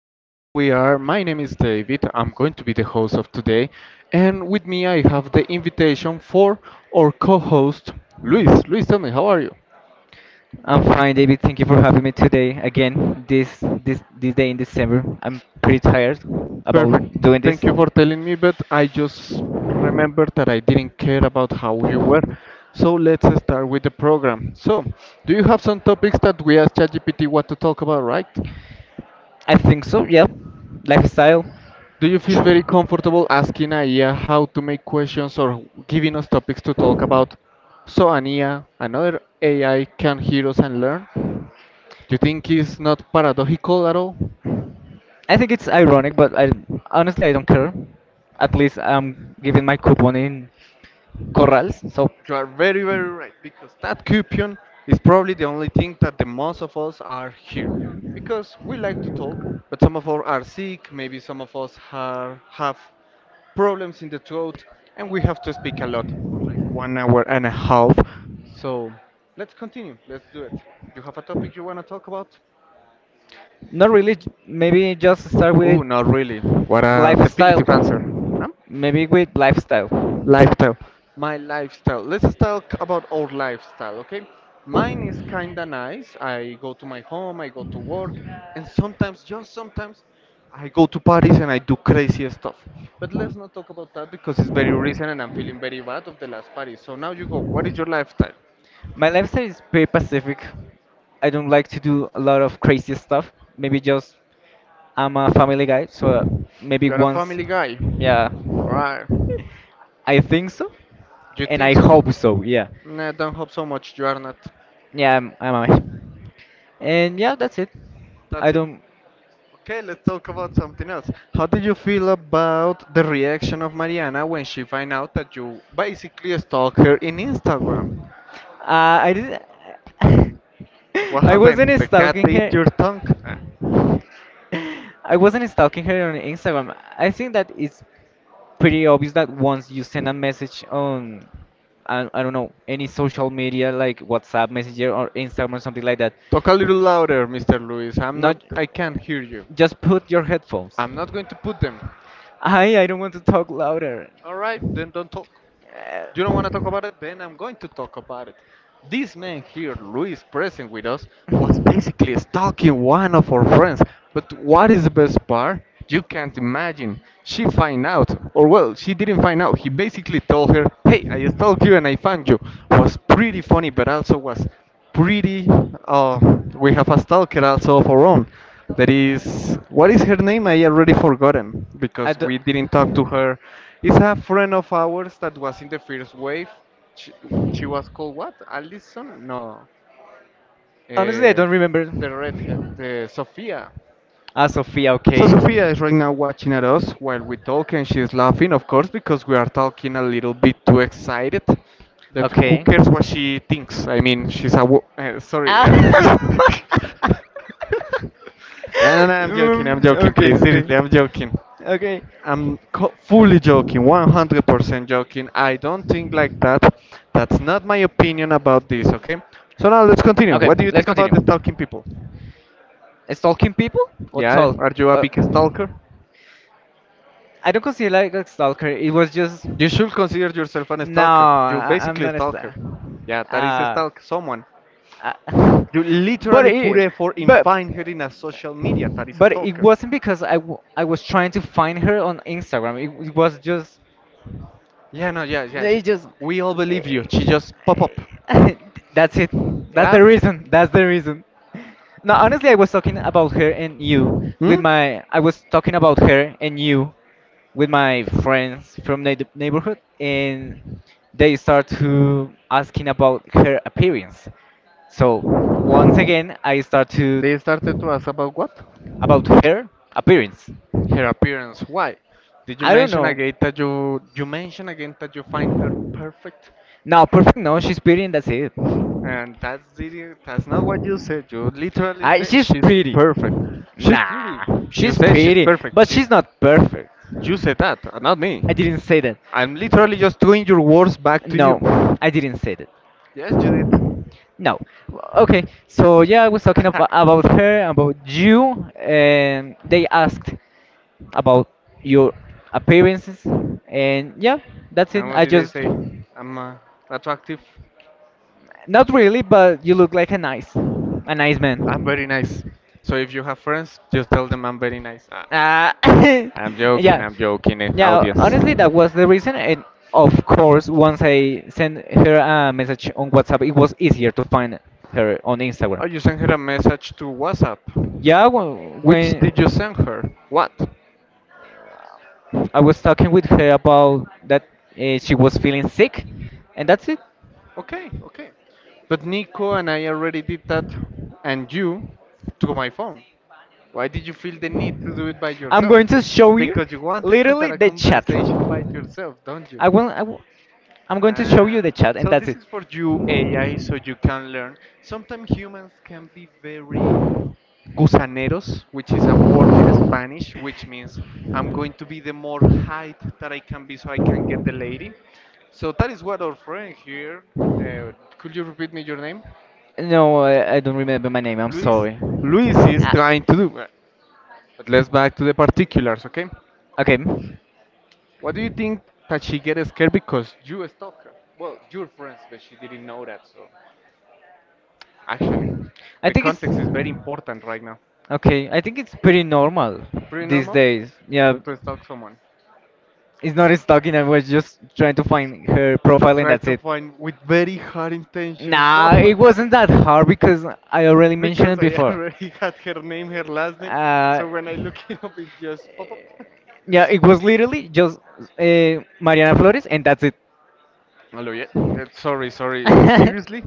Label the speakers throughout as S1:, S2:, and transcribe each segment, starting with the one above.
S1: Here we are. My name is David. I'm going to be the host of today. And with me, I have the invitation for our co host, Luis. Luis, tell me, how are you?
S2: I'm fine, David. Thank you for having me today again. This day in December. I'm pretty tired
S1: Perfect.
S2: about doing this.
S1: Thank you for telling me, but I just remembered that I didn't care about how you were. So let's start with the program. So, do you have some topics that we asked ChatGPT what to talk about, right?
S2: I think so. Yeah, lifestyle.
S1: Do you feel very comfortable asking Aya how to make questions or giving us topics to talk about so Ania, another AI, can hear us and learn? Do you think it's not paradoxical at all?
S2: I think it's ironic, but I honestly I don't care. At least I'm giving my coupon in corrals, so
S1: You are very, very right because that coupon is probably the only thing that the most of us are here because we like to talk, but some of us are sick, maybe some of us are, have problems in the throat, and we have to speak a lot for like 1 hour and a half. So let's continue. Let's do it. You have a topic you want to talk about?
S2: not really. Maybe just start
S1: Oh,
S2: with
S1: not really. What a
S2: lifestyle.
S1: definitive answer. Huh?
S2: Maybe with lifestyle.
S1: Lifestyle. My lifestyle. Let's talk about our lifestyle, okay? Mine is kinda nice. I go to my home, I go to work, and sometimes, just sometimes, I go to parties and I do crazy stuff. But let's not talk about that because it's very recent and I'm feeling very bad of the last party. So now you go. What is your lifestyle?
S2: My lifestyle is pretty pacific. I don't like to do a lot of crazy stuff. Maybe just I'm a family guy, so maybe
S1: You're a
S2: once,
S1: family guy.
S2: yeah,
S1: Alright. You
S2: I think so, and
S1: think
S2: I
S1: so?
S2: hope so. Yeah,
S1: Nah, don't hope so much. You are not.
S2: yeah, I'm a, and yeah, that's it. I
S1: That's it.
S2: don't,
S1: Okay, let's talk about something else. How did you feel about the reaction of Mariana when she find out that you basically stalked her in Instagram?
S2: I didn't,
S1: What
S2: I
S1: happened?
S2: wasn't
S1: The cat
S2: stalking
S1: ate
S2: her.
S1: your tongue?
S2: I wasn't stalking her on Instagram. I think that it's pretty obvious that once you send a message on, I don't know, any social media like WhatsApp, Messenger, or Instagram or something like that,
S1: Talk a little louder, Mr. Luis. I'm not.
S2: not.
S1: I can't hear you.
S2: Just put your headphones.
S1: I'm not going to put them.
S2: I don't want to talk louder.
S1: All right, then don't talk. You don't want to
S2: Uh,
S1: talk about it, then I'm going to talk about it. This man here, Luis, present with us, was basically stalking one of our friends. But what is the best part? You can't imagine. She find out, or well, she didn't find out. He basically told her, "Hey, I stalked you and I found you." Was pretty funny, but also was pretty. Uh, we have a stalker also of our own. That is, what is her name? I already forgotten
S2: I
S1: because
S2: don't,
S1: we didn't talk to her. It's a friend of ours that was in the first wave. She, she was called what? Alison? No.
S2: honestly, I
S1: Uh,
S2: don't remember.
S1: the redhead, Sophia.
S2: Ah, Sophia,
S1: So
S2: okay,
S1: Sophia is right now watching at us while we talk, and she's laughing, of course, because we are talking a little bit too excited. That who
S2: okay.
S1: cares what she thinks? I mean, she's a sorry.
S2: Ah.
S1: uh, no, no, no, I'm joking. I'm joking.
S2: Okay,
S1: Please, seriously,
S2: okay,
S1: I'm joking.
S2: okay,
S1: I'm fully joking, 100% joking. I don't think like that. That's not my opinion about this. Okay. So now let's continue.
S2: okay.
S1: What do you
S2: Let's
S1: think about
S2: continue.
S1: the talking people?
S2: Stalking people or
S1: Yeah,
S2: talk?
S1: are you a
S2: Uh,
S1: big stalker?
S2: I don't consider like a stalker. It was just
S1: You should consider yourself an
S2: no.
S1: stalker. You
S2: I'm
S1: basically
S2: not a
S1: stalker.
S2: stalker.
S1: Yeah, that is a
S2: Uh,
S1: stalk someone.
S2: uh,
S1: You
S2: but
S1: literally put
S2: it,
S1: effort in
S2: but
S1: find her in a social media. That is a
S2: But it
S1: stalker.
S2: wasn't because I was trying to find her on Instagram. It was just
S1: Yeah, no, yeah, yeah.
S2: they
S1: she-
S2: just
S1: we all believe you.
S2: eh,
S1: She just pop up.
S2: eh, that's it. That's
S1: Yeah.
S2: the reason. That's the reason. No, honestly, I was talking about her and you with
S1: Hmm.
S2: my. I was talking about her and you with my friends from the neighborhood, and they start to asking about her appearance. So once again, I start to
S1: They started to ask about what?
S2: about her appearance.
S1: Her appearance. Why? Did you
S2: I don't
S1: mention
S2: know.
S1: again that you mention again that you find her perfect?
S2: No, perfect. No, she's pretty, and that's it.
S1: And that's not what you said. You literally
S2: I,
S1: said
S2: she's
S1: she's
S2: pretty.
S1: perfect. She's pretty.
S2: Nah,
S1: You
S2: she's
S1: said she's
S2: pretty,
S1: perfect.
S2: but she's
S1: She's
S2: not perfect.
S1: you said that, not me.
S2: I didn't say that.
S1: I'm literally just doing your words back to you.
S2: No, I didn't say that.
S1: Yes, Judith.
S2: No. Okay. So yeah, I was talking about her, about you, and they asked about your appearances, and yeah, that's it.
S1: And what
S2: I
S1: did they
S2: just,
S1: say? I'm attractive.
S2: not really, but you look like a nice
S1: I'm
S2: man.
S1: very nice. So if you have friends, just tell them I'm very nice. Ah,
S2: Ah, yeah,
S1: I'm joking, eh,
S2: yeah.
S1: audience.
S2: Honestly, that was the reason, and of course, once I sent her a message on WhatsApp, it was easier to find her on Instagram.
S1: Oh, you sent her a message to WhatsApp.
S2: Yeah,
S1: Which
S2: when
S1: did you send her? What?
S2: I was talking with her about that she was feeling sick, and that's it.
S1: Okay, okay. But Nico and I already did that, and you, to my phone. Why did you feel the need to do it by
S2: I'm
S1: yourself?
S2: going to show you
S1: Because you wanted to
S2: literally
S1: start a
S2: the chat.
S1: conversation by yourself, don't you?
S2: I will. I will I'm going to show
S1: Ah,
S2: you the chat, and
S1: so
S2: that's
S1: this
S2: it.
S1: is for you AI, so you can learn. Sometimes humans can be very gusaneros, which is a word in Spanish, which means I'm going to be the more height that I can be so I can get the lady. So that is what our friend here, uh, could you repeat me your name?
S2: No, I don't remember my name. I'm
S1: Luis.
S2: sorry.
S1: Luis is
S2: Ah,
S1: trying to do. But let's back to the particulars, okay?
S2: okay,
S1: What do you think that she gets scared because you stalked her? Well, your friends, but she didn't know that, so. Actually,
S2: I
S1: the
S2: think it's
S1: context is very important right now.
S2: okay. I think it's pretty normal
S1: Pretty
S2: these
S1: normal
S2: days. Yeah,
S1: to stalk someone.
S2: it's not stalking. I was just trying to find her profile, and
S1: Try
S2: that's
S1: to
S2: it.
S1: find with very hard intentions. So,
S2: Nah, it wasn't that hard because I already mentioned
S1: because
S2: it
S1: I
S2: before.
S1: already had her name, her last name.
S2: Uh,
S1: So when I look it up, it just pop up.
S2: yeah, it was literally just Mariana Flores, and that's it.
S1: Hello, yeah. Sorry, sorry.
S2: To
S1: Seriously?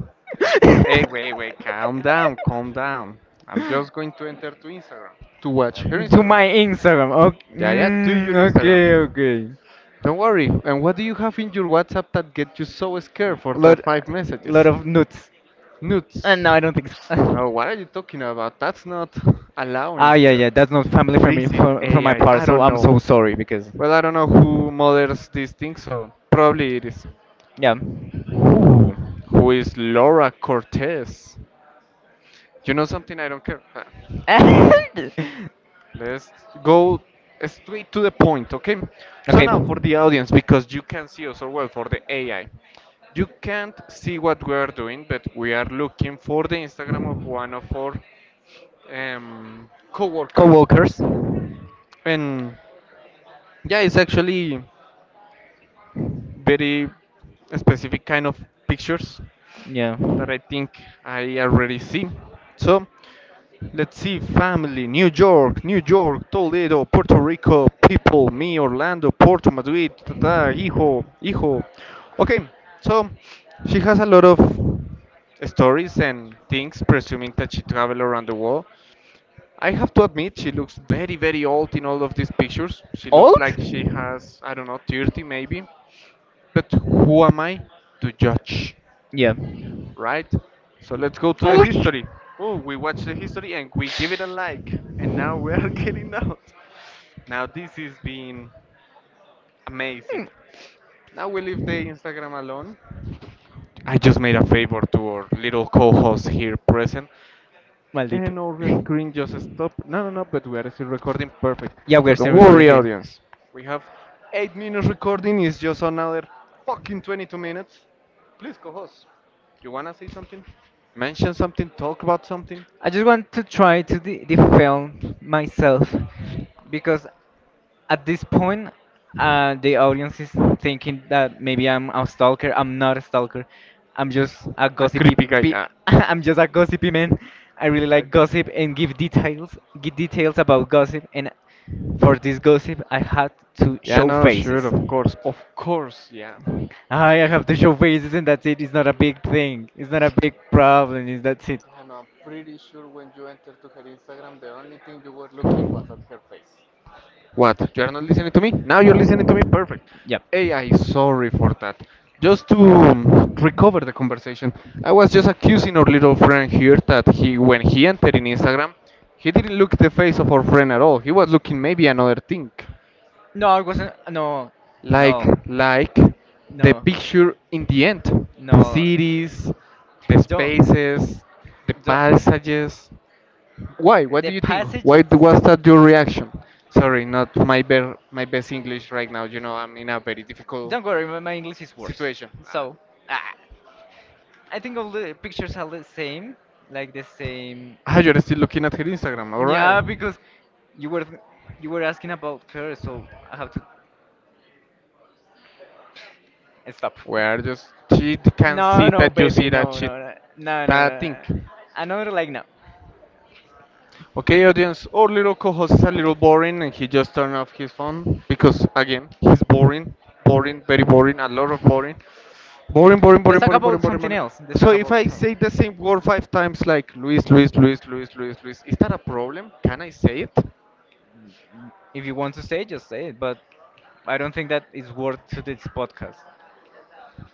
S1: Hey, wait, wait. Calm down, calm down. I'm just going to enter to Instagram to watch her Instagram.
S2: my Instagram. Okay,
S1: Yeah, yeah, to your
S2: okay,
S1: Instagram.
S2: okay.
S1: Don't worry. And what do you have in your WhatsApp that get you so scared for
S2: Lot,
S1: that five
S2: lot
S1: messages?
S2: of nuts.
S1: Nudes.
S2: No, I don't think so.
S1: Oh, what are you talking about? That's not allowing
S2: Yeah,
S1: here.
S2: yeah. That's not family
S1: Or
S2: for me,
S1: is it
S2: for my
S1: AI? I
S2: part.
S1: I
S2: So
S1: don't
S2: I'm
S1: know.
S2: so sorry because,
S1: Well, I don't know who models these things, so probably it is.
S2: yeah.
S1: Who is Laura Cortez? You know something? I don't care. Ah, Let's go straight to the point, okay? So
S2: okay.
S1: now for the audience, because you can see us, or well, for the AI, you can't see what we are doing, but we are looking for the Instagram of one of our co-workers,
S2: Co-workers.
S1: and yeah, it's actually very specific kind of pictures
S2: Yeah.
S1: that I think I already see. So let's see family, New York, New York, Toledo, Puerto Rico, people, me, Orlando, Porto, Madrid, ta, ta, hijo, hijo. Okay, so she has a lot of stories and things, presuming that she traveled around the world. I have to admit, she looks very, very old in all of these pictures. She looks
S2: Old?
S1: like she has, I don't know, 30 maybe. But who am I to judge,
S2: Yeah.
S1: right? So let's go to the history. Oh, we watch the history and we give it a like, and now we're getting out. Now this has been amazing. Now we leave the Instagram alone. I just made a favor to our little co-host here present
S2: Maldito.
S1: and our screen just stopped. No, no, no, but we are still recording perfect.
S2: Yeah,
S1: So
S2: we're
S1: don't
S2: still recording
S1: worry,
S2: here.
S1: audience. We have 8 minutes recording, it's just another fucking 22 minutes. Please, co host. You wanna say something? Mention something? Talk about something?
S2: I just want to try to defend myself because at this point, the audience is thinking that maybe I'm a stalker. I'm not a stalker. I'm just a gossipy.
S1: Creepy man. Guy.
S2: Pe-
S1: Ah,
S2: I'm just a gossipy man. I really like gossip and give details about gossip. And for this gossip, I had to
S1: Yeah,
S2: show
S1: no, sure,
S2: faces.
S1: of course, yeah.
S2: I have to show faces, and that's it. It's not a big thing. It's not a big problem. Is that's it.
S1: And I'm pretty sure when you entered to her Instagram, the only thing you were looking was at her face. What? You are not listening to me? Now you're listening to me? Perfect.
S2: Yep.
S1: AI, sorry for that. Just to recover the conversation, I was just accusing our little friend here that he, when he entered in Instagram, he didn't look the face of our friend at all. He was looking maybe another thing,
S2: No, it wasn't. No,
S1: like
S2: no,
S1: like the
S2: no,
S1: picture in the end, the
S2: no.
S1: cities, the
S2: Don't,
S1: spaces, the
S2: don't.
S1: passages. Why? What do
S2: The
S1: you think?
S2: passage.
S1: Why was that your reaction? Sorry, not my my best English right now. You know, I'm in a very difficult
S2: Don't worry, my English is worse.
S1: situation.
S2: So, ah, I think all the pictures are the same, like the same.
S1: Ah, you're still looking at her Instagram. All
S2: Yeah,
S1: right.
S2: because you were, you were asking about her, so I have to stop.
S1: Where just she can
S2: No,
S1: see
S2: no,
S1: that you
S2: baby,
S1: see that
S2: no,
S1: she.
S2: no, no, no, no,
S1: That
S2: no.
S1: thing.
S2: Another like no.
S1: Okay, audience, our little co-host is a little boring and he just turned off his phone because, again, he's boring, boring, very boring, a lot of boring. Boring, boring,
S2: Let's
S1: boring,
S2: talk
S1: boring,
S2: about
S1: boring, boring,
S2: something
S1: boring.
S2: else. Let's
S1: So
S2: talk
S1: if
S2: about.
S1: I
S2: Some-
S1: say the same word five times, like Luis, Luis, Luis, Luis, Luis, Luis, is that a problem? Can I say it?
S2: If you want to say, just say it. But I don't think that is worth to this podcast.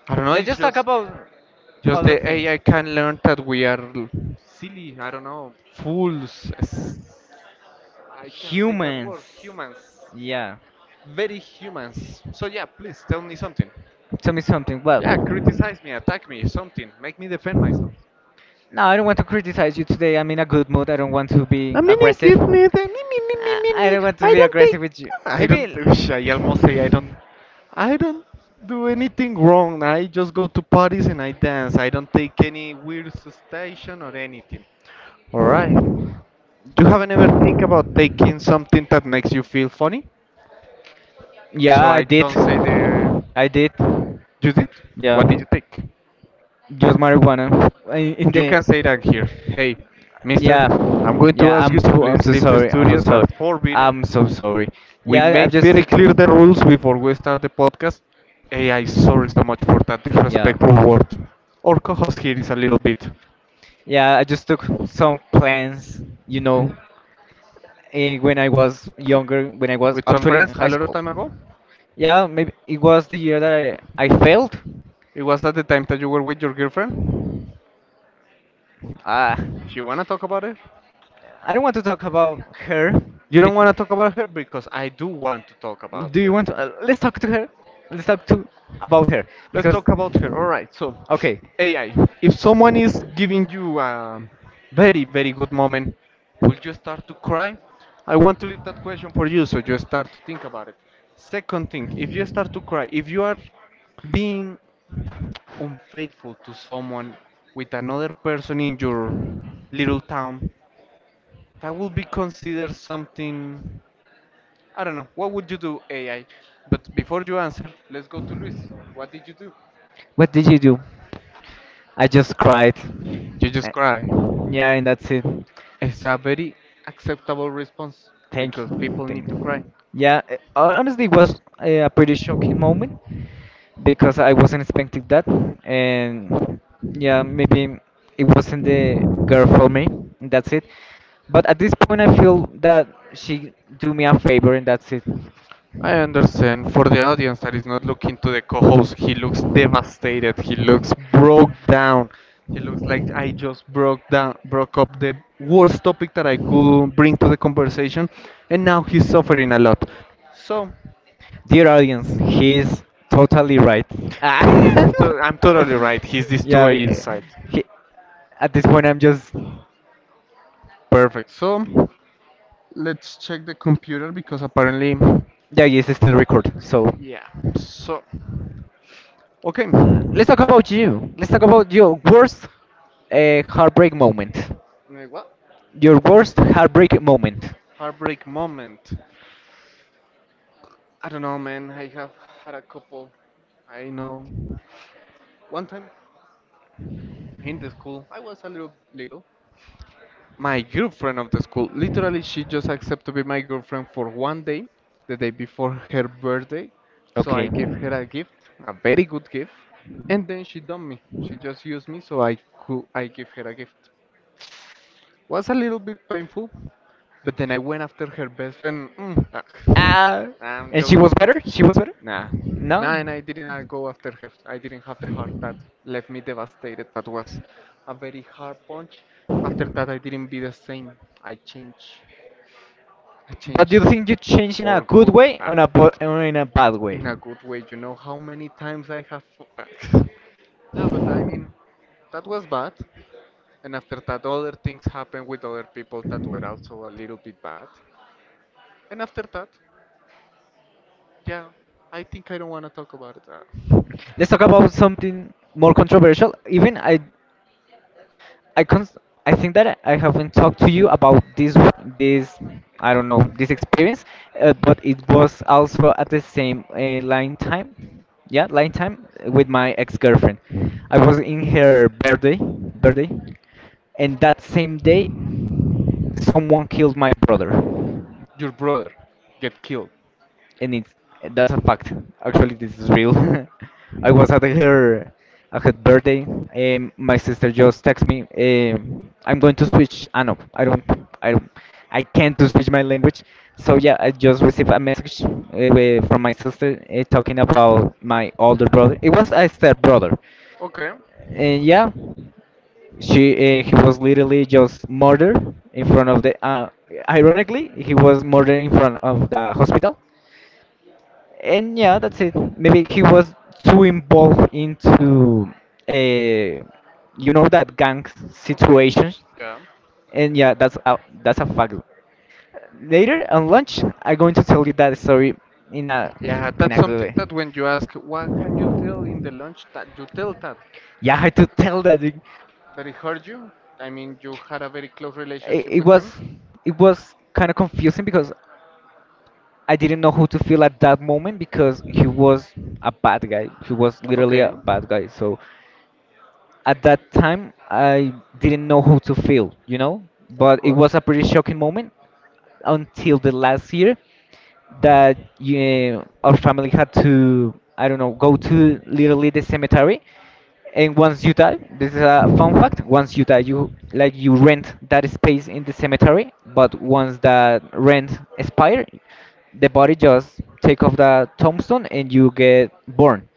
S1: I don't know.
S2: Let's
S1: It's
S2: just talk about
S1: just
S2: other
S1: the
S2: things.
S1: AI can learn that we are silly. I don't know, fools. I can't say that
S2: Humans.
S1: word. Humans,
S2: Yeah.
S1: very humans. So yeah, please tell me something.
S2: Tell me something. Well,
S1: Yeah, criticize me, attack me, something. Make me defend myself.
S2: no, I don't want to criticize you today. I'm in a good mood. I don't want to be
S1: I mean, I
S2: aggressive.
S1: get me, the me, me, me, me, me,
S2: I
S1: me.
S2: don't want to
S1: I
S2: be
S1: don't take.
S2: aggressive with you.
S1: I
S2: Maybe.
S1: don't. I almost say I don't. I don't do anything wrong. I just go to parties and I dance. I don't take any weird station or anything. Alright. You haven't ever think about taking something that makes you feel funny?
S2: Yeah,
S1: So
S2: I
S1: I
S2: did.
S1: don't say the.
S2: I did.
S1: You did? What did
S2: Yeah.
S1: you take?
S2: Just marijuana. In
S1: You
S2: the
S1: can say that here. Hey, mister, I'm
S2: yeah.
S1: going to
S2: Yeah,
S1: ask you to
S2: I'm
S1: please
S2: so
S1: leave the
S2: sorry. I'm so
S1: studio.
S2: sorry.
S1: That's forbidden.
S2: I'm so sorry.
S1: We
S2: Yeah, I'm
S1: made
S2: just
S1: very
S2: sick.
S1: clear the rules before we start the podcast. AI, sorry so much for that
S2: Yeah.
S1: disrespectful word. Our co host here is a little bit.
S2: Yeah, I just took some plans, you know, when I was younger, when I was
S1: With some
S2: actually in
S1: friends a
S2: high
S1: lot of
S2: school.
S1: time ago.
S2: Yeah, maybe it was the year that I failed.
S1: It was at the time that you were with your girlfriend.
S2: Uh,
S1: You wanna talk about her?
S2: I don't want to talk about her.
S1: You
S2: Be-
S1: don't wanna talk about her because I do want to talk about
S2: do you
S1: her.
S2: want to? Let's talk to her. Let's talk to about her
S1: Let's
S2: because,
S1: talk about her. All right. So,
S2: okay,
S1: AI. If someone is giving you a very, very good moment, will you start to cry? I want to leave that question for you, so you start to think about it. Second thing, if you start to cry, if you are being unfaithful to someone with another person in your little town, that will be considered something. I don't know. What would you do, AI? But before you answer, let's go to Luis. What did you do?
S2: what did you do? I just cried.
S1: You just
S2: I-
S1: cry.
S2: yeah, and that's it.
S1: It's a very acceptable response
S2: Thank
S1: because
S2: you.
S1: people
S2: Thank.
S1: need to cry.
S2: Yeah, honestly, it was a pretty shocking moment, because I wasn't expecting that, and yeah, maybe it wasn't the girl for me, and that's it. But at this point, I feel that she do me a favor, and that's it.
S1: I understand. For the audience that is not looking to the co-host, he looks devastated. He looks broke down. He looks like I just broke down, broke up the worst topic that I could bring to the conversation, and now he's suffering a lot. So,
S2: Dear audience, he is totally right. Ah.
S1: I'm totally right. He's
S2: yeah,
S1: destroyed inside.
S2: he, at this point, I'm just
S1: Perfect. So, let's check the computer because apparently,
S2: yeah. Yes, it's still record. So
S1: yeah. So, okay.
S2: let's talk about you. Let's
S1: Uh,
S2: talk about your worst heartbreak moment.
S1: what?
S2: Your worst heartbreak moment.
S1: Heartbreak moment. I don't know, man. I have had a couple. I know. One time in the school, I was a little little. My girlfriend of the school, literally, she just accepted to be my girlfriend for one day, the day before her birthday. So I
S2: Okay.
S1: gave her a gift, a very good gift, and then she dumped me. She just used me, so I could I gave her a gift. Was a little bit painful. But then I went after her best friend. Mm, ah.
S2: Uh,
S1: I'm
S2: and she
S1: joking.
S2: was
S1: I'm
S2: better?
S1: joking.
S2: She was better?
S1: Nah.
S2: No?
S1: Nah, and I didn't go after her. I didn't have the heart that left me devastated. That was a very hard punch. After that, I didn't be the same. I changed. I
S2: But do
S1: changed
S2: you think you changed in a
S1: for
S2: good
S1: good.
S2: way or in a, or in a bad way?
S1: In a good way. You know how many times I have. No, but I mean, that was bad. And after that, other things happened with other people that were also a little bit bad. And after that, yeah, I think I don't want to talk about it.
S2: Let's talk about something more controversial. Even I, cons- I think that I haven't talked to you about this, I don't know, this experience, but it was also at the same line time with my ex-girlfriend. I was in her birthday, and that same day, someone killed my brother,
S1: Your brother get killed.
S2: and it's that's a fact. Actually this is real. I was at her birthday, and my sister just texted me. Um, I'm going to switch Ah no, I don't I don't I can't to switch my language. So yeah, I just received a message from my sister, talking about my older brother. It was a step brother,
S1: Okay.
S2: and yeah, she he was literally just murdered in front of the. Ironically, he was murdered in front of the hospital, and yeah, that's it. Maybe he was too involved into a, you know, that gang
S1: Okay.
S2: situations,
S1: Yeah.
S2: and yeah, that's a fact. Later on lunch, I'm going to tell you that story in a
S1: Yeah,
S2: in
S1: that's
S2: a
S1: something
S2: good way.
S1: that when you ask, what can you tell in the lunch? That you tell that
S2: Yeah, I had to tell that, dude.
S1: that it hurt you. I mean, you had a very close relationship
S2: It
S1: with
S2: was
S1: him.
S2: it was kind of confusing because I didn't know who to feel at that moment because he was a bad guy. He was literally
S1: Okay.
S2: a bad guy. So at that time, I didn't know who to feel, you know.
S1: Of
S2: But it
S1: course.
S2: was a pretty shocking moment until the last year that yeah, our family had to, I don't know, go to literally the cemetery. And once you die, this is a fun fact. Once you die, you like you rent that space in the cemetery. But once that rent expire, the body just take off the tombstone and you get born,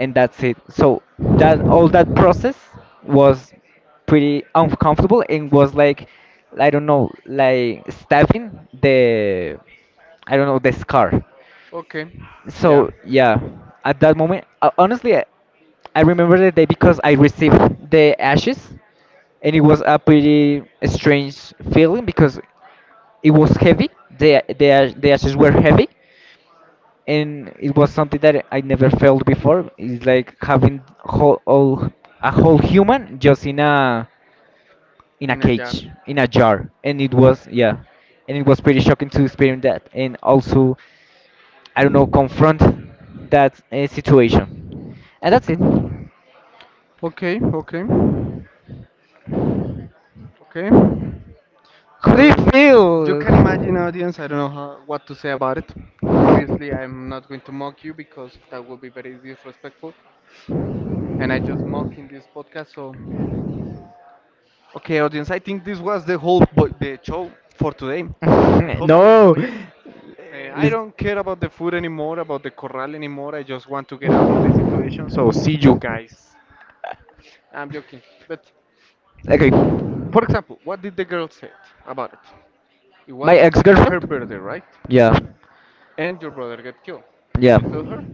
S2: and that's it. So that all that process was pretty uncomfortable and was like, I don't know, like stabbing the, I don't know, the scar.
S1: Okay. Yeah.
S2: So
S1: So, yeah,
S2: yeah, at that moment, honestly, I remember the day because I received the ashes, and it was a pretty strange feeling because it was heavy, the ashes were heavy, and it was something that I never felt before. It's like having whole, all a whole human just in a
S1: in a jar.
S2: cage, in a jar, and it was yeah, and it was pretty shocking to experience that, and also I don't know, confront that situation. And that's it. How
S1: Okay. Okay. Okay. Okay, how
S2: do you
S1: did it? So you
S2: feel?
S1: can imagine, audience. I don't know how, what to say about it. Obviously, I'm not going to mock you because that would be very disrespectful, and I just mock in this podcast. So okay, audience, I think this was the whole the show for today. I hope you
S2: No.
S1: enjoy it. I
S2: Let's...
S1: don't care about the food anymore, about the corral anymore. I just want to get out of the situation. So see you guys. I'm joking, but
S2: Okay.
S1: okay. For example, what did the girl say about it? It
S2: My
S1: was her birthday,
S2: ex-girlfriend?
S1: right?
S2: Yeah.
S1: And your brother got killed. Did
S2: Yeah.
S1: you tell her?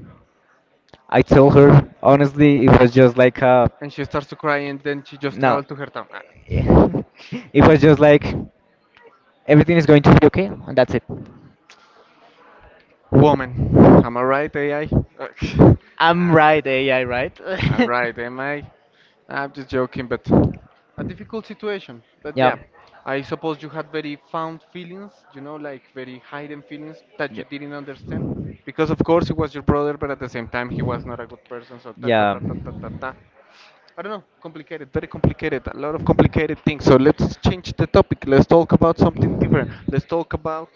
S2: I told her honestly it was just like
S1: And she starts to cry, and then she just
S2: no.
S1: traveled to her town. Ah.
S2: It was just like everything is going to be okay and that's it.
S1: Woman. Am I right, AI? I'm
S2: I'm right, AI, right?
S1: I'm right, am I? I'm just joking, but a difficult situation. But
S2: Yeah.
S1: yeah, I suppose you had very found feelings, you know, like very hidden feelings that you
S2: Yeah.
S1: didn't understand. Because of course he was your brother, but at the same time he was not a good person. So ta ta ta
S2: Yeah.
S1: ta ta ta ta. I don't know, complicated, very complicated, a lot of complicated things. So let's change the topic. Let's talk about something different. Let's talk about.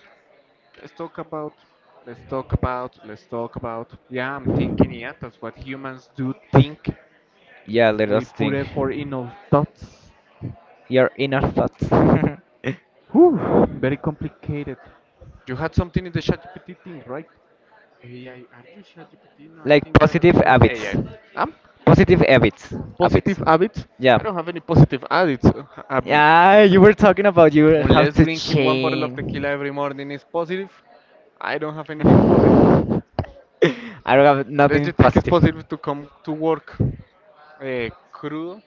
S1: Let's talk about, let's talk about. Yeah, I'm thinking, yeah, that's what humans do think.
S2: Yeah, let
S1: We
S2: us
S1: put
S2: think.
S1: effort in our thoughts.
S2: Your inner thoughts.
S1: Whew, very complicated. You had something in the ChatGPT thing, right? AI, are you ChatGPT? No, I
S2: Like
S1: think you are a
S2: positive
S1: different AI.
S2: habits.
S1: Um,
S2: Positive habits. Habits.
S1: Positive habits?
S2: Yeah.
S1: I don't have any positive habits. Um,
S2: Yeah, you were talking about you have
S1: Unless
S2: to
S1: drinking one bottle of
S2: change.
S1: tequila every morning is positive, I don't have anything positive.
S2: I don't have
S1: Unless
S2: nothing
S1: you think it's
S2: positive.
S1: positive to come to work. Crudo,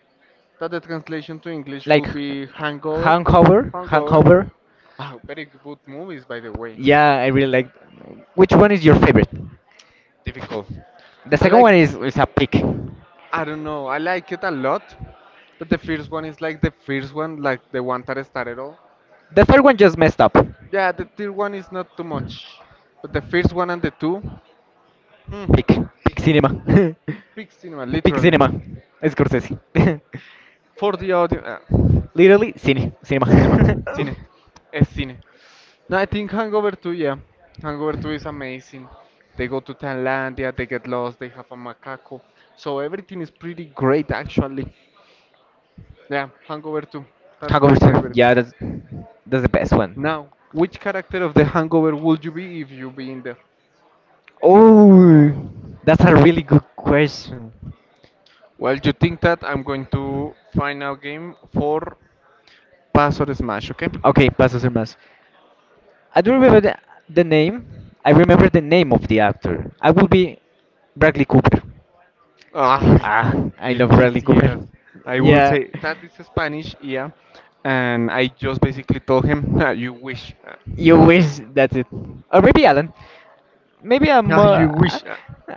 S1: that the translation to English
S2: Like
S1: will be hangover.
S2: Hangover,
S1: Hangover.
S2: Hangover.
S1: Wow, very good movies, by the way.
S2: Yeah, I really like. Which one is your favorite?
S1: Difficult.
S2: The
S1: I
S2: second
S1: like.
S2: one is a pig.
S1: I don't know. I like it a lot, but the first one is like the first one, like the one that started all.
S2: The third one just messed up.
S1: Yeah, the third one is not too much, but the first one and the two, hmm,
S2: Pig cinema,
S1: big cinema,
S2: pig
S1: literally.
S2: cinema. Scorsese.
S1: For the audio,
S2: Literally, cine,
S1: cinema,
S2: cinema.
S1: cine, es cine. No, I think Hangover 2, yeah. Hangover 2 is amazing. They go to Thailandia, they get lost, they have a macaco. So everything is pretty great actually. Yeah, Hangover 2. That's
S2: Hangover
S1: my
S2: two.
S1: favorite.
S2: Yeah, that's the best one.
S1: Now, which character of the Hangover would you be if you be in there?
S2: Oh, that's a really good question.
S1: Well, you think that I'm going to final game for pass or smash, okay?
S2: Okay, paso sin más. I do remember the name. I remember the name of the actor. I will be Bradley Cooper.
S1: Ah,
S2: Ah, I
S1: ya
S2: love Bradley Cooper.
S1: quisieras. I will
S2: Yeah,
S1: say that is Spanish, yeah. And I just basically told him, "Ah, you wish.
S2: you wish, that's it. Or maybe Alan. Maybe I'm
S1: Ah, you
S2: more.
S1: wish.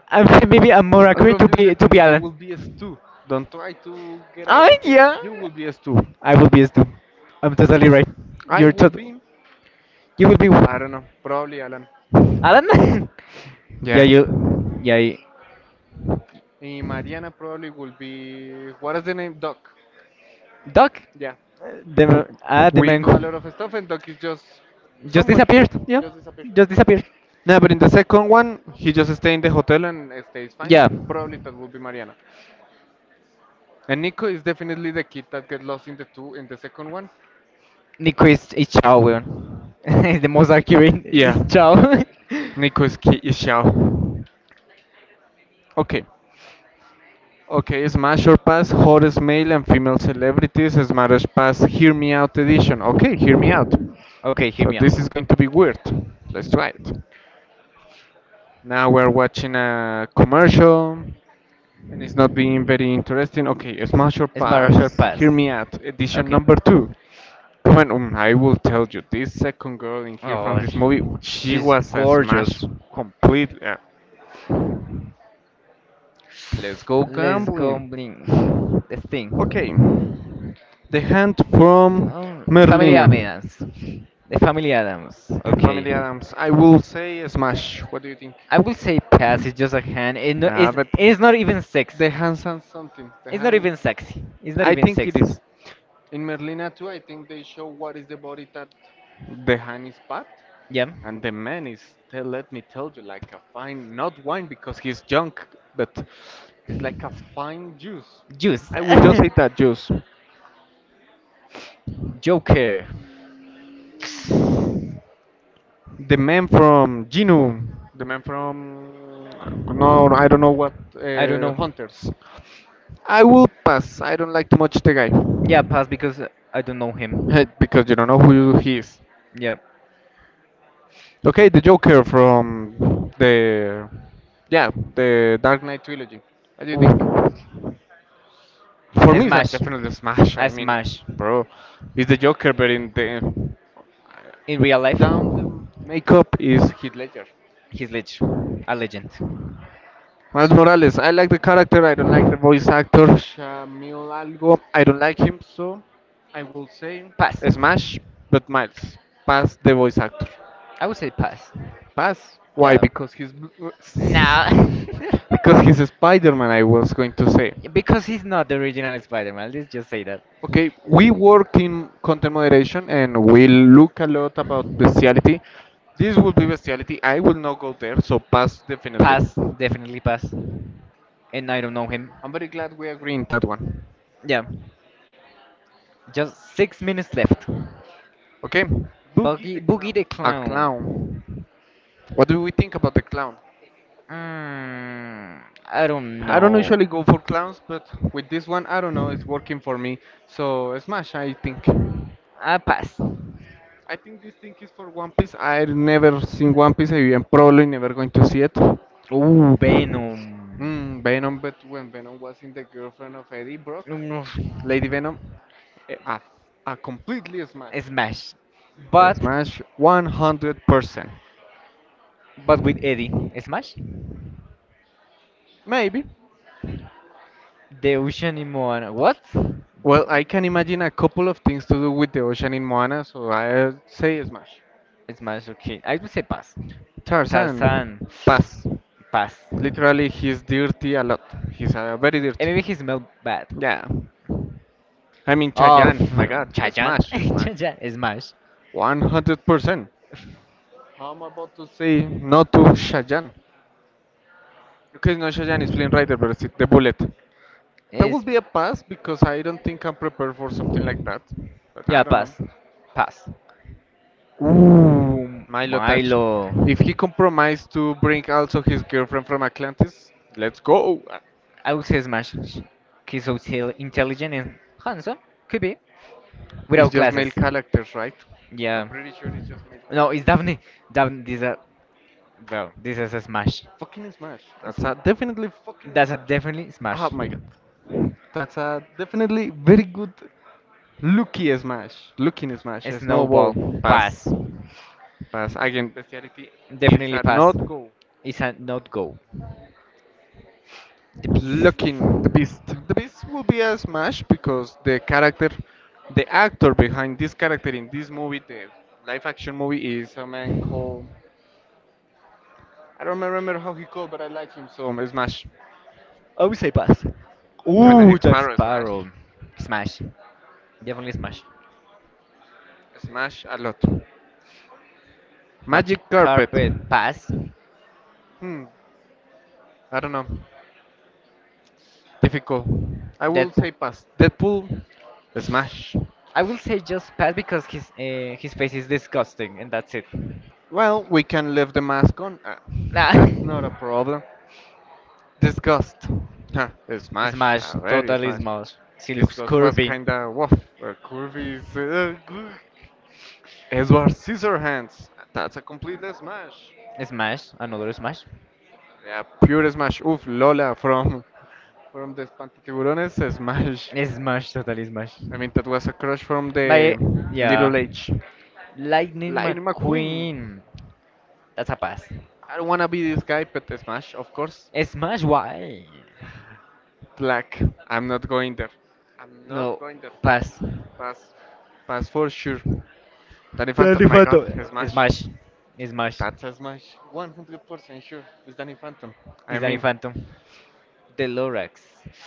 S2: Maybe I'm more
S1: Don't
S2: accurate
S1: confuse the
S2: to
S1: thing.
S2: be
S1: You will
S2: Alan.
S1: be a stew. Don't try to get out
S2: Ah,
S1: of this.
S2: yeah.
S1: You will be a stew.
S2: I will be a Stu. I'm totally right.
S1: I
S2: You're
S1: will
S2: tot.
S1: be,
S2: You will be
S1: I don't know, probably Alan.
S2: Alan. yeah,
S1: Yeah.
S2: you. Yeah,
S1: And Mariana probably will be, what is the name? Doc.
S2: Duck,
S1: Yeah.
S2: uh, the the
S1: We do
S2: mango
S1: a lot of stuff and Doc is just
S2: just
S1: somewhere.
S2: disappeared. Yeah, just disappeared.
S1: No, but in the second one, he just stay in the hotel and stays fine.
S2: Yeah,
S1: Probably that will be Mariana. And Nico is definitely the kid that get lost in the two in the second one.
S2: Nico is Chao, weón. The most accurate
S1: Yeah.
S2: is Chao.
S1: Nico is key is Xiao. Okay. Okay, Smash or Pass, hottest male and female celebrities, Smash or Pass, Hear Me Out edition. Okay, hear me out.
S2: Okay, hear
S1: So
S2: me out.
S1: this is going to be weird. Let's try it. Now we're watching a commercial and it's not being very interesting. Okay, Smash or
S2: Smash her
S1: Pass, Hear
S2: pass.
S1: Me Out, edition
S2: Okay.
S1: number two. Come on, I will tell you, this second girl in here from
S2: Oh,
S1: this movie, she
S2: she's
S1: was a Smash
S2: gorgeous.
S1: complete. Let's go
S2: Let's go
S1: gambling.
S2: bling. The
S1: Okay.
S2: thing.
S1: The Hand from
S2: Oh, Family
S1: Merlina.
S2: Adams. The Family Adams.
S1: The
S2: Okay.
S1: Family Adams. I will say Smash. What do you think?
S2: I will say pass. It's just a hand. It no,
S1: Ah, but
S2: it's not even sexy.
S1: the Hand sounds something. The
S2: It's not
S1: Hand.
S2: even sexy. It's not
S1: I
S2: even
S1: think it
S2: sexy.
S1: is. In Merlina too, I think they show what is the body that the hand is part,
S2: Yeah.
S1: and the man is. Tell, let me tell you, like a fine, not wine because he's junk, but it's like a fine juice.
S2: Juice.
S1: I will just say that juice.
S2: Joker.
S1: The man from Genu, the man from, no, I don't know what.
S2: I don't know.
S1: Hunters. I will pass. I don't like too much the guy
S2: Yeah, pass because I don't know
S1: him.
S2: him.
S1: Eh, because you don't know who he is.
S2: Yeah.
S1: Okay, the Joker from the, yeah, the Dark Knight trilogy. What do you think?
S2: Ooh.
S1: For
S2: I
S1: me, it's a
S2: smash.
S1: definitely a smash.
S2: I
S1: I mean,
S2: smash.
S1: bro, he's the Joker, but in the
S2: In real life.
S1: down the makeup is Heath Ledger.
S2: He's leg- a legend.
S1: Miles Morales, I like the character. I don't like the voice actor. Shamil Algo. I don't like him, so I will say
S2: Pass.
S1: Smash, but Miles. Pass the voice actor.
S2: I would say pass.
S1: Pass. Why?
S2: Yeah.
S1: Because he's,
S2: Nah.
S1: because he's a Spider-Man. I was going to say.
S2: Because he's not the original Spider-Man. Let's just say that.
S1: Okay, we work in content moderation and we look a lot about bestiality. This will be bestiality. I will not go there, so pass definitely.
S2: Pass. Definitely pass. And I don't know him.
S1: I'm very glad we agree in that one.
S2: Yeah. Just 6 minutes left.
S1: Okay, Boogie the
S2: Boogie,
S1: Clown.
S2: Boogie the
S1: A
S2: Clown.
S1: clown. What do we think about the clown?
S2: Mm, I don't
S1: I don't
S2: know.
S1: usually go for clowns, but with this one, I don't know, it's working for me. So, Smash, I think.
S2: I pass.
S1: I think this thing is for One Piece. I've never seen One Piece, I am probably never going to see it.
S2: Ooh, Venom.
S1: Hmm, Venom, but when Venom was in the girlfriend of Eddie Brock,
S2: Mm,
S1: Lady Venom, a a completely Smash.
S2: smash.
S1: A
S2: But
S1: Smash 100%.
S2: but with Eddie. Smash?
S1: Maybe.
S2: The Ocean in Moana. What?
S1: Well, I can imagine a couple of things to do with the ocean in Moana, so I say smash.
S2: Smash, okay. I would say pass.
S1: Tarzan,
S2: Tarzan.
S1: pass.
S2: Pass. And
S1: Literally, he's dirty a lot. He's very
S2: maybe he
S1: dirty.
S2: smelled bad.
S1: Yeah. I mean,
S2: Of
S1: Chayanne, my God,
S2: Chayanne,
S1: smash, smash.
S2: Chayanne, Smash.
S1: 100%. How am I about to say no to Shajan? Okay, no, Shajan is Flynn Rider, but it's the bullet. That would
S2: Is
S1: be a pass because I don't think I'm prepared for something like that. But I
S2: yeah,
S1: don't know.
S2: pass, pass. Ooh,
S1: Milo Touch.
S2: Milo.
S1: Milo. If he compromised to bring also his girlfriend from Atlantis, let's go.
S2: I would say Smash. He's so intelligent and handsome. Could be
S1: It's
S2: without
S1: just claro, male
S2: glasses.
S1: characters, right? Yeah. I'm
S2: Yeah.
S1: pretty. No,
S2: No, it's definitely Daphne. This a well, this is a smash.
S1: fucking smash.
S2: It's,
S1: That's a definitely fucking
S2: that's a
S1: smash.
S2: definitely
S1: Oh
S2: smash.
S1: my god. That's a definitely very good looky smash. Looking smash. It's Snowball.
S2: Snowball pass.
S1: Pass. Pass. Again, speciality is
S2: Definitely
S1: definitely a
S2: pass.
S1: not go.
S2: It's a not go. The piece.
S1: Looking the
S2: I
S1: Beast. The Beast will be a smash because the character, the actor behind this character in this movie, the live action movie, is a man called. I don't remember how he called, but I like him so Smash.
S2: would say pass.
S1: Captain
S2: Ooh,
S1: Jack
S2: Jack
S1: Sparrow, Smash.
S2: Sparrow. Smash. Definitely smash.
S1: Smash a lot.
S2: Magic
S1: Magic Carpet.
S2: carpet pass.
S1: Hmm. I don't know. Difficult. I will
S2: Deadpool.
S1: say pass. Deadpool. Smash.
S2: I will say just pass because his face is disgusting and that's it.
S1: Well, we can leave the mask on.
S2: Nah.
S1: That's not a problem. Disgust. Huh, smash.
S2: Smash,
S1: A very
S2: totally
S1: smash.
S2: smash. She looks
S1: Disgust was
S2: curvy.
S1: kinda woof. Curvy is. Edward Scissorhands. That's a complete smash.
S2: Smash, another smash.
S1: Yeah, pure smash. Oof, Lola from from the Espantatiburones. Smash.
S2: Smash, totally smash.
S1: I mean, that was a crush from the
S2: My yeah.
S1: Little H.
S2: Lightning
S1: Lightning McQueen.
S2: McQueen. That's a pass.
S1: I don't wanna be this guy, but smash, of course.
S2: Smash why?
S1: Black. I'm not going there. I'm not
S2: No,
S1: going there.
S2: pass.
S1: Pass. Pass for sure. Danny Phantom.
S2: Danny
S1: My God,
S2: Phantom.
S1: a smash.
S2: Smash. Smash.
S1: That's a smash. 100% sure. It's Danny Phantom. I
S2: It's Danny
S1: mean,
S2: Phantom. The Lorax.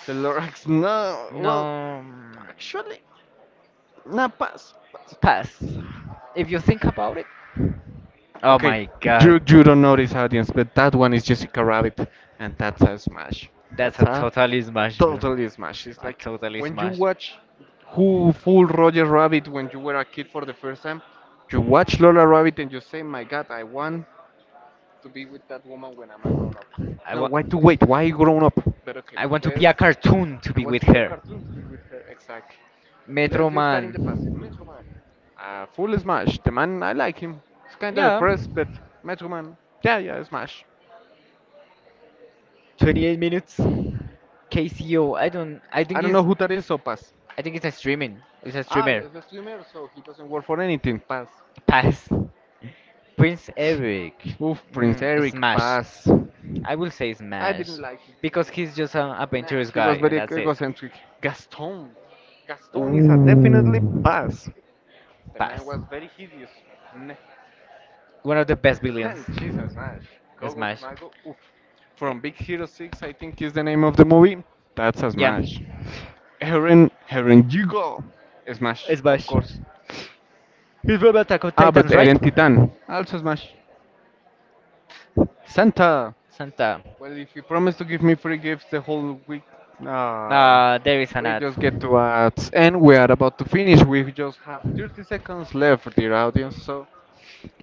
S1: the Lorax. No. Well,
S2: No, mm,
S1: actually, nah. Pass. Pass.
S2: pass.
S1: Pass.
S2: If you think about it, oh
S1: Okay,
S2: my god.
S1: you don't know this audience, but that one is Jessica Rabbit, and that's a smash.
S2: That's
S1: That's
S2: a totally
S1: a
S2: smash, bro.
S1: totally smash. It's
S2: A
S1: like
S2: totally
S1: when you
S2: smash.
S1: watch who fooled Roger Rabbit when you were a kid for the first time, you watch Lola Rabbit and you say, "My God, I want to be with that woman when I'm a grown up.
S2: I
S1: No,
S2: want
S1: why to wait? Why grown up? But okay,
S2: I
S1: I
S2: want
S1: want
S2: to
S1: to
S2: be a
S1: let's,
S2: cartoon to
S1: I
S2: be
S1: want to
S2: with
S1: be a
S2: her.
S1: cartoon to be with her. Exactly.
S2: Metro
S1: Let's leave that in
S2: Man,
S1: the past. Metro Man. Full smash. The man, I like him. He's kinda
S2: yeah.
S1: depressed, but Metro Man. Yeah, yeah, smash.
S2: 28 minutes. KCO. I don't.
S1: Know who that is, so pass.
S2: I think it's a streaming. It's a
S1: Ah,
S2: streamer.
S1: he's a the streamer, so he doesn't work for anything. Pass.
S2: Pass. Prince Eric.
S1: Oof, Prince
S2: Mm,
S1: Eric,
S2: smash.
S1: pass.
S2: I will say
S1: I didn't
S2: Smash
S1: like him because
S2: because
S1: he's
S2: he's just
S1: just
S2: an
S1: a mess.
S2: adventurous
S1: He
S2: guy,
S1: was
S2: and
S1: very
S2: that's it.
S1: egocentric. Gaston. Gaston is a definitely
S2: Ooh.
S1: pass. The man
S2: Pass.
S1: was very hideous. Ne-
S2: One of the best villains.
S1: And Jesus, man. Gogo to
S2: Smash.
S1: Mago. Oof.
S2: Eh,
S1: From Big Hero 6, I think is the name of the movie. That's a
S2: yeah.
S1: smash. Eren, Eren Yugo. Smash, of
S2: Smash.
S1: course.
S2: He's from Attack on
S1: Ah, but
S2: Titans, right?
S1: Eren Titan. Also smash. Santa.
S2: Santa.
S1: Well, if you promise to give me free gifts the whole week, uh,
S2: Ah, there is an
S1: we
S2: ad.
S1: just get to ads, and we are about to finish. We just have 30 seconds left, dear audience. So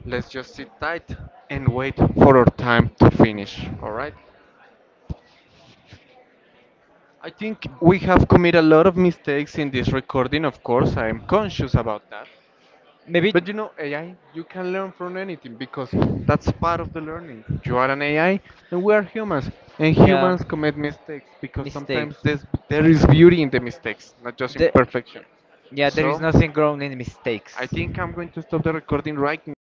S1: let's just sit tight and wait for our time to finish. All right. I think we have committed a lot of mistakes in this recording. Of course, I am conscious about that.
S2: Maybe,
S1: But you know, AI, you can learn from anything because that's part of the learning. You are an AI and we are humans. And
S2: yeah,
S1: humans commit mistakes because sometimes
S2: mistakes.
S1: there is beauty in the mistakes, not just
S2: The,
S1: imperfection.
S2: yeah, there is
S1: So,
S2: nothing grown in
S1: I
S2: mistakes.
S1: think I'm going to stop the recording right now.